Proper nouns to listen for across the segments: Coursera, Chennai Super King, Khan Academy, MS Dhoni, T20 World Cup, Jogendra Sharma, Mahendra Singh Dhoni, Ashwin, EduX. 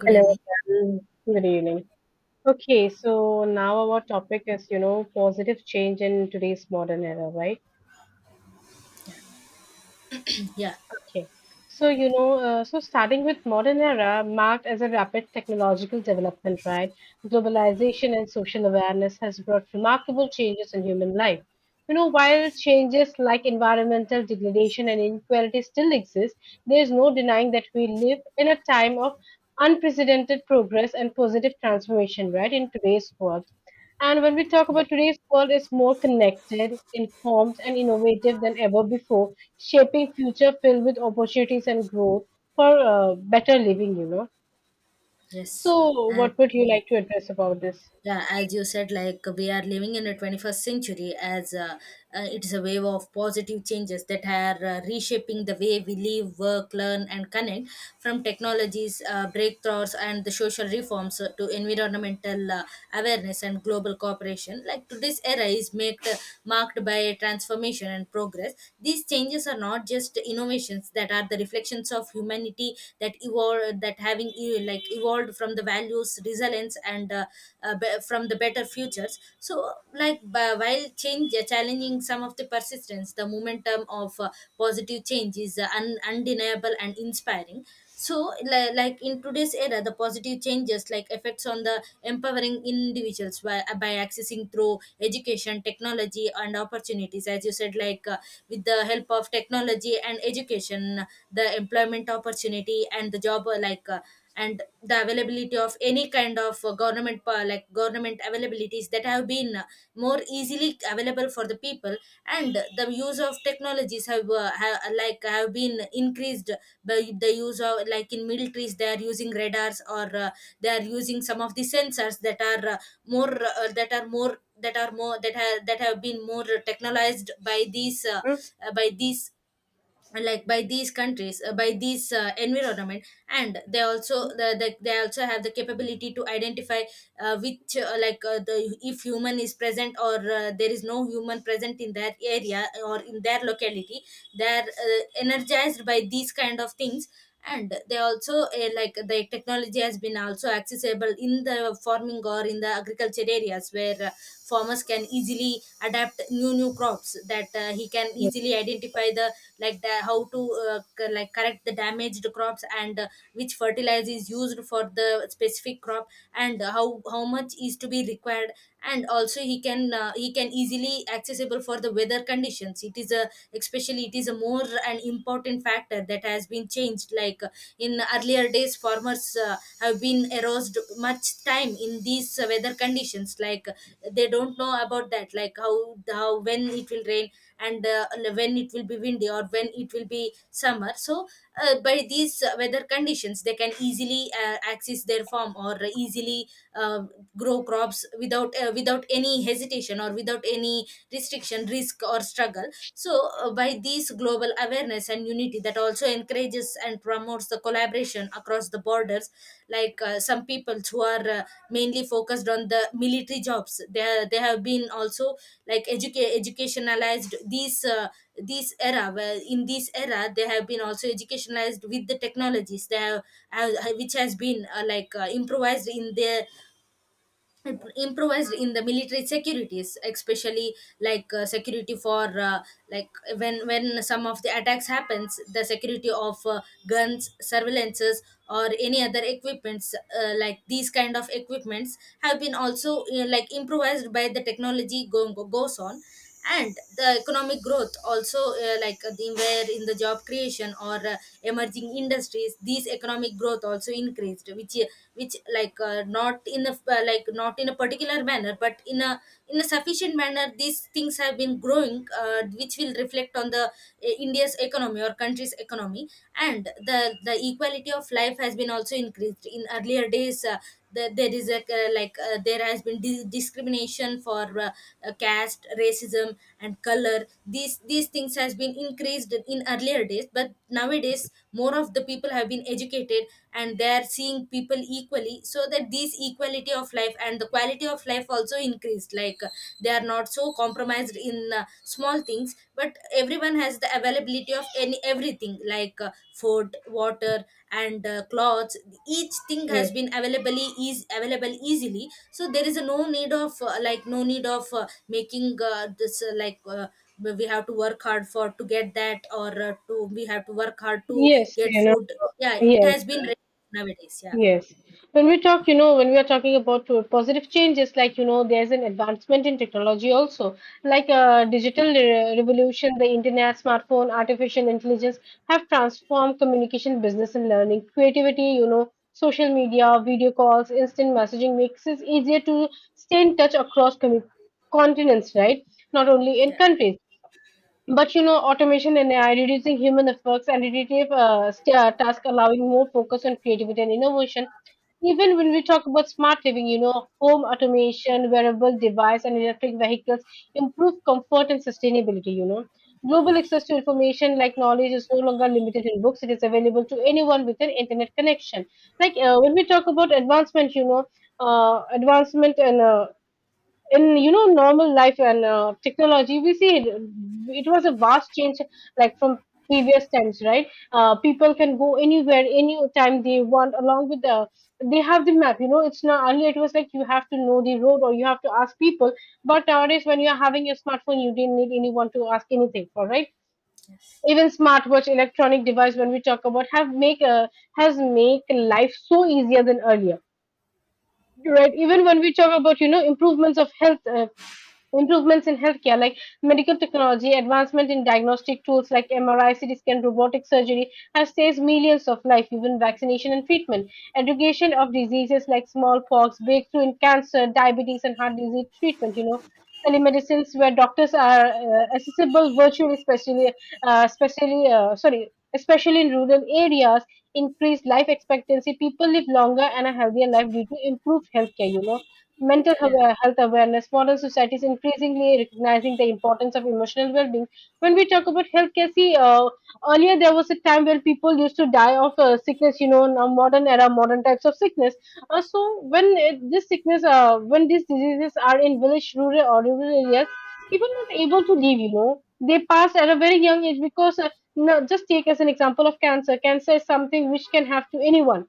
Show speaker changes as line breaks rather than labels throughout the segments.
Good
Hello,
evening.
um, good evening. Okay, so now our topic is, you know, positive change in today's modern era, right?
Yeah,
Okay. So, so starting with modern era marked as a rapid technological development, right? Globalization and social awareness has brought remarkable changes in human life. You know, while changes like environmental degradation and inequality still exist, there is no denying that we live in a time of unprecedented progress and positive transformation, right, in today's world. And when we talk
yeah,
about today's world is more connected, informed, and innovative than ever before, shaping future filled with opportunities and growth for better living.
yes.
So,
And
what would you
yeah,
like to address about this?
yeah as you said, like, we are living in a 21st century as it is a wave of positive changes that are reshaping the way we live work learn and connect from technologies breakthroughs and the social reforms to environmental awareness and global cooperation, like today's era is marked by transformation and progress. These changes are not just innovations that are the reflections of humanity that evolve that having like evolved evolved from the values resilience from the better futures. So, like, while change challenging some of the persistence, the momentum of positive change is undeniable and inspiring. So, like, in today's era, the positive changes, like, effects on the empowering individuals by accessing through education technology and opportunities. As you said, like, with the help of technology and education, the employment opportunity and the job, and the availability of any kind of like government availabilities that have been more easily available for the people. And the use of technologies have been increased by the use of, like, in militaries they are using radars, or they are using some of the sensors that are more that are more that are more that have been more technologized by these uh,
Hmm?
uh, by these like by these countries, by these environment. And they also they also have the capability to identify which, the if human is present or there is no human present in that area or in their locality. They're energized by these kind of things. And they also, like, the technology has been also accessible in the farming or in the agriculture areas where farmers can easily adapt new crops, that he can easily identify the, like, the how to like correct the damaged crops, and which fertilizer is used for the specific crop and how much is to be required. And also he can, he can easily accessible for the weather conditions. It is a, especially it is a, more an important factor that has been changed. Like, in earlier days farmers have been erosed much time in these weather conditions. Like, they don't know about that, like, how when it will rain, and when it will be windy or when it will be summer. So, by these weather conditions, they can easily access their farm or easily uh, grow crops without, without any hesitation or without any restriction, risk or struggle. So, by these global awareness and unity, that also encourages and promotes the collaboration across the borders. Like, some people who are mainly focused on the military jobs, they have been also, like, educationalized these this era, where in this era they have been also educationalized with the technologies they have, which has been, improvised in their improvised in the military securities, especially like, security for, like when some of the attacks happens, the security of guns, surveillances or any other equipments, like these kind of equipments have been also, like, improvised by the technology going goes on. And the economic growth also, where in the job creation or emerging industries, these economic growth also increased, which, not in a, not in a particular manner, but in a, in a sufficient manner, these things have been growing, which will reflect on the India's economy or country's economy. And the equality of life has been also increased. In earlier days, that there is a, there has been discrimination for, caste, racism and color. These things has been increased in earlier days, but nowadays more of the people have been educated and they are seeing people equally, so that these equality of life and the quality of life also increased. Like, they are not so compromised in small all things, but everyone has the availability of any everything, like, food, water, and clothes. Each thing has
Yes.
been available, is available easily. So there is a no need of, no need of, making this like we have to work hard for to get that, or to we have to work hard to
Yes.
get food. Yeah, it
Yes.
has been nowadays, yeah,
Yes. When we talk, you know, when we are talking about positive changes, like, you know, there's an advancement in technology also, like digital revolution, the internet, smartphone, artificial intelligence have transformed communication, business, and learning. Creativity, you know, social media, video calls, instant messaging makes it easier to stay in touch across commu continents, right? Not only in
yeah,
countries. But you know, automation and AI reducing human efforts and repetitive tasks, allowing more focus on creativity and innovation. Even when we talk about smart living, you know, home automation, wearable device, and electric vehicles improve comfort and sustainability. You know, global access to information like knowledge is no longer limited in books; it is available to anyone with an internet connection. Like when we talk about advancement, you know, advancement and in you know normal life and technology we see it, it was a vast change like from previous times, right. People can go anywhere any time they want, along with they have the map. You know, it's not earlier, it was like you have to know the road or you have to ask people, but nowadays when you're having your smartphone you didn't need anyone to ask anything for, right?
yes,
Even smartwatch electronic device, when we talk about, have make has make life so easier than earlier, right? Even when we talk about, you know, improvements of health improvements in healthcare, like medical technology, advancement in diagnostic tools like MRI, CT scan, robotic surgery, have saved millions of lives, even vaccination and treatment. Education of diseases like smallpox, breakthrough in cancer, diabetes, and heart disease treatment, you know. Telemedicines, where doctors are accessible virtually, sorry, especially in rural areas, increased life expectancy. People live longer and a healthier life due to improved healthcare, you know, mental
yeah,
health awareness. Modern society is increasingly recognizing the importance of emotional well-being. When we talk about healthcare, see, earlier there was a time when people used to die of sickness. You know, now modern era, modern types of sickness. So when this when these diseases are in village, rural or rural areas, people not able to live. You know, they pass at a very young age because. No, just take as an example of cancer. Cancer is something which can have to anyone.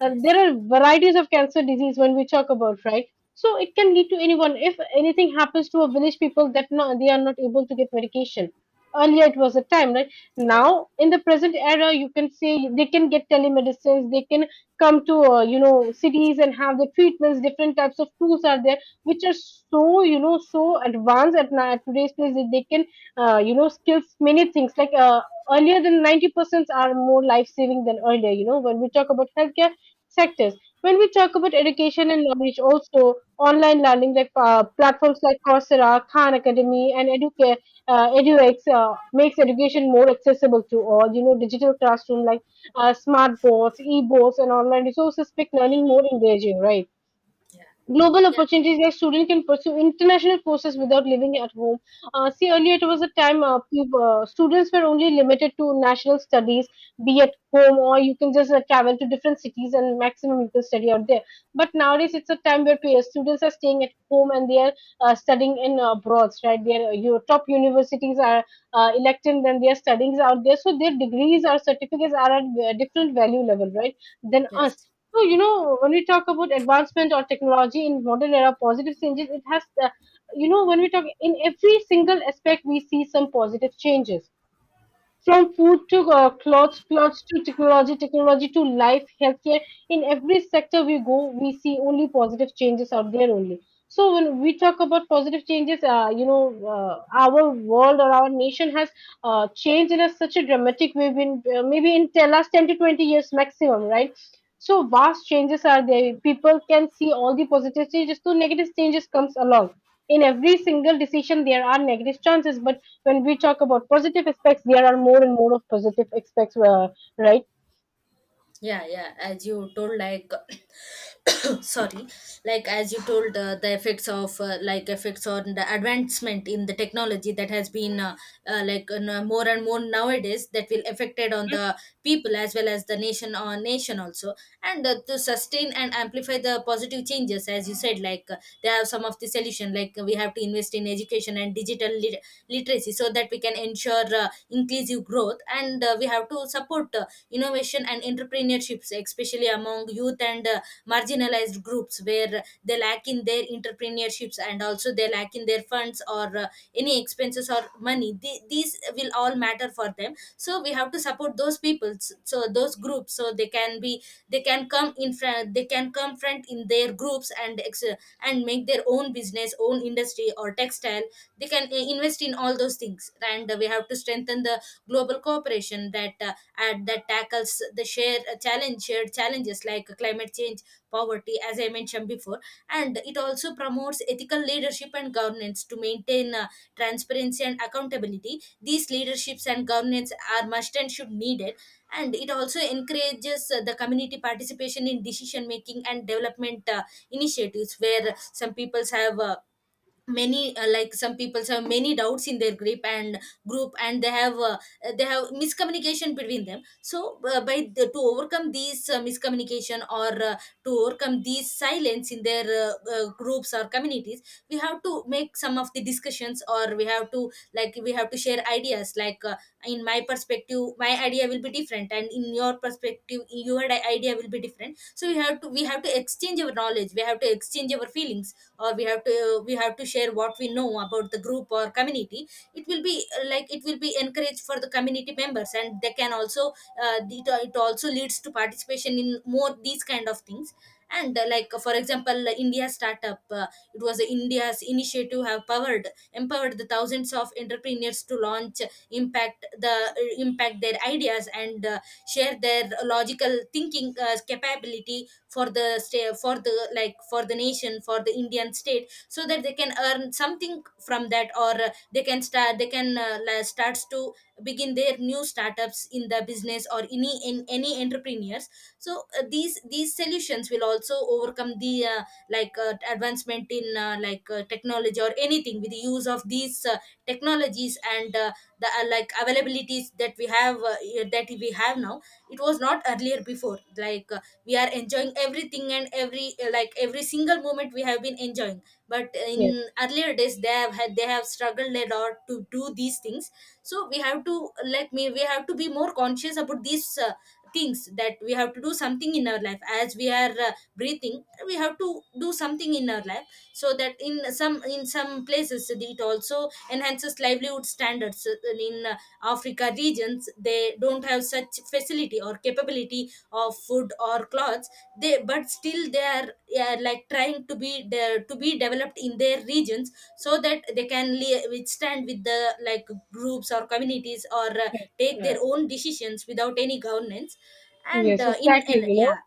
There
yes,
are varieties of cancer disease when we talk about, right? So it can lead to anyone. If anything happens to a village people, that no, they are not able to get medication. Earlier it was a time, right?
yes,
Now in the present era, you can say they can get telemedicines. They can come to you know, cities, and have the treatments. Different types of tools are there which are so, you know, so advanced now at today's place, that they can you know, skills many things like earlier, than 90% are more life saving than earlier, you know, when we talk about healthcare sectors. When we talk about education and knowledge, also online learning, like platforms like Coursera, Khan Academy, and EduX makes education more accessible to all. You know, digital classroom, like smart boards, e-boards, and online resources make learning more engaging, right?
yeah,
Global
yeah,
opportunities, like student can pursue international courses without living at home. See, earlier it was a time, students were only limited to national studies, be at home, or you can just travel to different cities and maximum you can study out there. But nowadays it's a time where students are staying at home and they are studying in abroad, right? Their your top universities are electing, then their studies out there, so their degrees or certificates are at a different value level, right? Than us.
yes.
So, you know, when we talk about advancement or technology in modern era, positive changes, you know, when we talk in every single aspect, we see some positive changes. From food to clothes, clothes to technology, technology to life, healthcare, in every sector we go, we see only positive changes out there only. So when we talk about positive changes, you know, our world or our nation has changed in such a dramatic way. Maybe in the last 10 to 20 years maximum, right? So vast changes are there. People can see all the positive changes. So negative changes comes along. In every single decision, there are negative chances, but when we talk about positive aspects, there are more and more of positive aspects, right?
Yeah, yeah, as you told, like, sorry, like, as you told, the effects of, effects on the advancement in the technology that has been, you know, more and more nowadays, that will affected on the people as well as the nation or nation also. And, to sustain and amplify the positive changes, as you said, like, they have some of the solution, like, we have to invest in education and digital literacy, so that we can ensure inclusive growth. And we have to support innovation and entrepreneurships, especially among youth, and marginalized groups where they lack in their entrepreneurships, and also they lack in their funds or any expenses or money. These will all matter for them. So we have to support those people, so those groups, so they can be, they can come in front, they can come front in their groups and and make their own business, own industry or textile. They can invest in all those things. And we have to strengthen the global cooperation that, and that tackles the shared challenges like climate change, poverty, as I mentioned before. And it also promotes ethical leadership and governance to maintain, transparency and accountability. These leaderships and governance are must and should needed. And it also encourages the community participation in decision making and development initiatives, where some peoples have, many like some people have many doubts in their grip and group, and they have, they have miscommunication between them. So, to overcome these miscommunication or, to overcome these silence in their, groups or communities, we have to make some of the discussions, or we have to, like, we have to share ideas. Like, in my perspective my idea will be different, and in your perspective your idea will be different. So we have to, we have to exchange our knowledge, we have to exchange our feelings, or we have to, we have to share what we know about the group or community. It will be, it will be encouraged for the community members, and they can also, it, it also leads to participation in more these kind of things. And, for example, India startup, it was, India's initiative have powered empowered the thousands of entrepreneurs to launch impact the impact their ideas and share their logical thinking capability for the for the nation, for the Indian state, so that they can earn something from that, or they can start, they can starts to begin their new startups in the business or any in any entrepreneurs. So, these solutions will also overcome the, advancement in, technology or anything, with the use of these technologies. And the like availabilities that we have, yeah, that we have now. It was not earlier before. Like, we are enjoying everything, and every, every single moment we have been enjoying. But
Yes,
in earlier days, they have had, they have struggled a lot to do these things. So we have to, like me we have to be more conscious about these things, that we have to do something in our life. As we are breathing, we have to do something in our life, so that in some, in some places it also enhances livelihood standards in Africa regions. They don't have such facility or capability of food or clothes. They, but still they are, like, trying to be to be developed in their regions, so that they can withstand with the, like, groups or communities, or
yes,
take
yeah,
their own decisions without any governance. And,
yes, exactly.
in
You know,
yeah,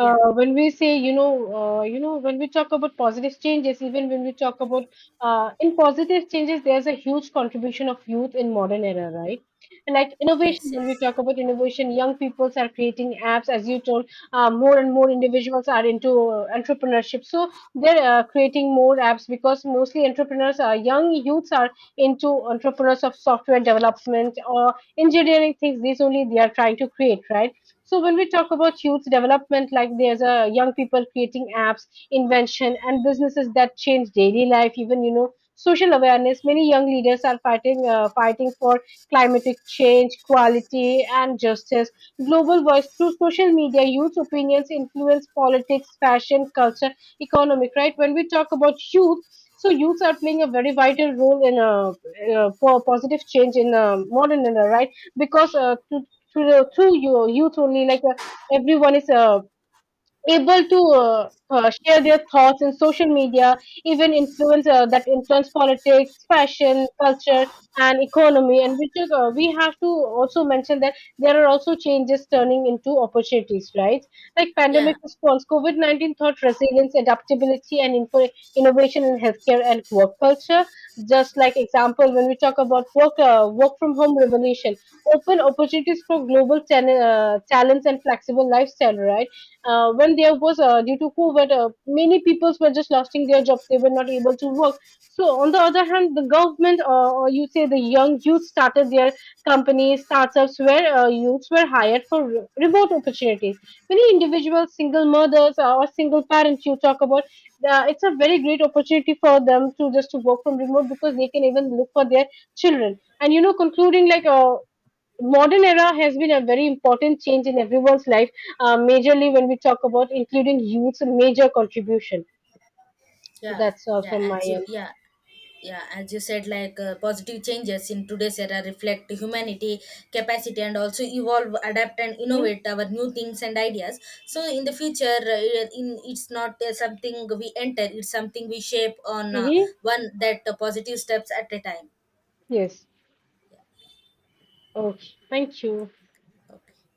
yeah,
when we say you know, you know, when we talk about positive changes, even when we talk about in positive changes, there's a huge contribution of youth in modern era, right? And like
yes,
innovation, when
yes,
we talk about innovation, young people are creating apps. As you told, more and more individuals are into entrepreneurship, so they're creating more apps because mostly entrepreneurs are young. Youths are into entrepreneurs of software development or engineering things. These only they are trying to create, right? So when we talk about youth development, like there's a young people creating apps, invention, and businesses that change daily life, even you know, social awareness. Many young leaders are fighting for climatic change, quality, and justice. Global voice through social media, youth opinions influence politics, fashion, culture, economic. Right? When we talk about youth, so youths are playing a very vital role in po- positive change in modern era, right? Because to the through your youth only, like everyone is able to share their thoughts in social media, even influence that influence politics, fashion, culture, and economy. And which is, we have to also mention that there are also changes turning into opportunities, right? Like pandemic
yeah,
response, COVID 19 taught resilience, adaptability, and innovation in healthcare and work culture. Just like example, when we talk about work from home revolution, open opportunities for global talents and flexible lifestyle, right? When there was due to COVID, many people were just losing their jobs. They were not able to work. So on the other hand, the government or you say the young youth started their companies, startups where youths were hired for remote opportunities. Many individuals, single mothers or single parents, you talk about, it's a very great opportunity for them to just to work from remote because they can even look for their children. And you know, concluding like modern era has been a very important change in everyone's life, majorly when we talk about including youth's major contribution.
yeah.
That's all
Yeah,
from my
as
end.
you said, like, positive changes in today's era reflect humanity capacity, and also evolve, adapt and
hmm
innovate our new things and ideas. So in the future, in it's not something we enter, it's something we shape on,
hmm
one that, positive steps at a time.
Yes. Okay. Thank you.
Okay.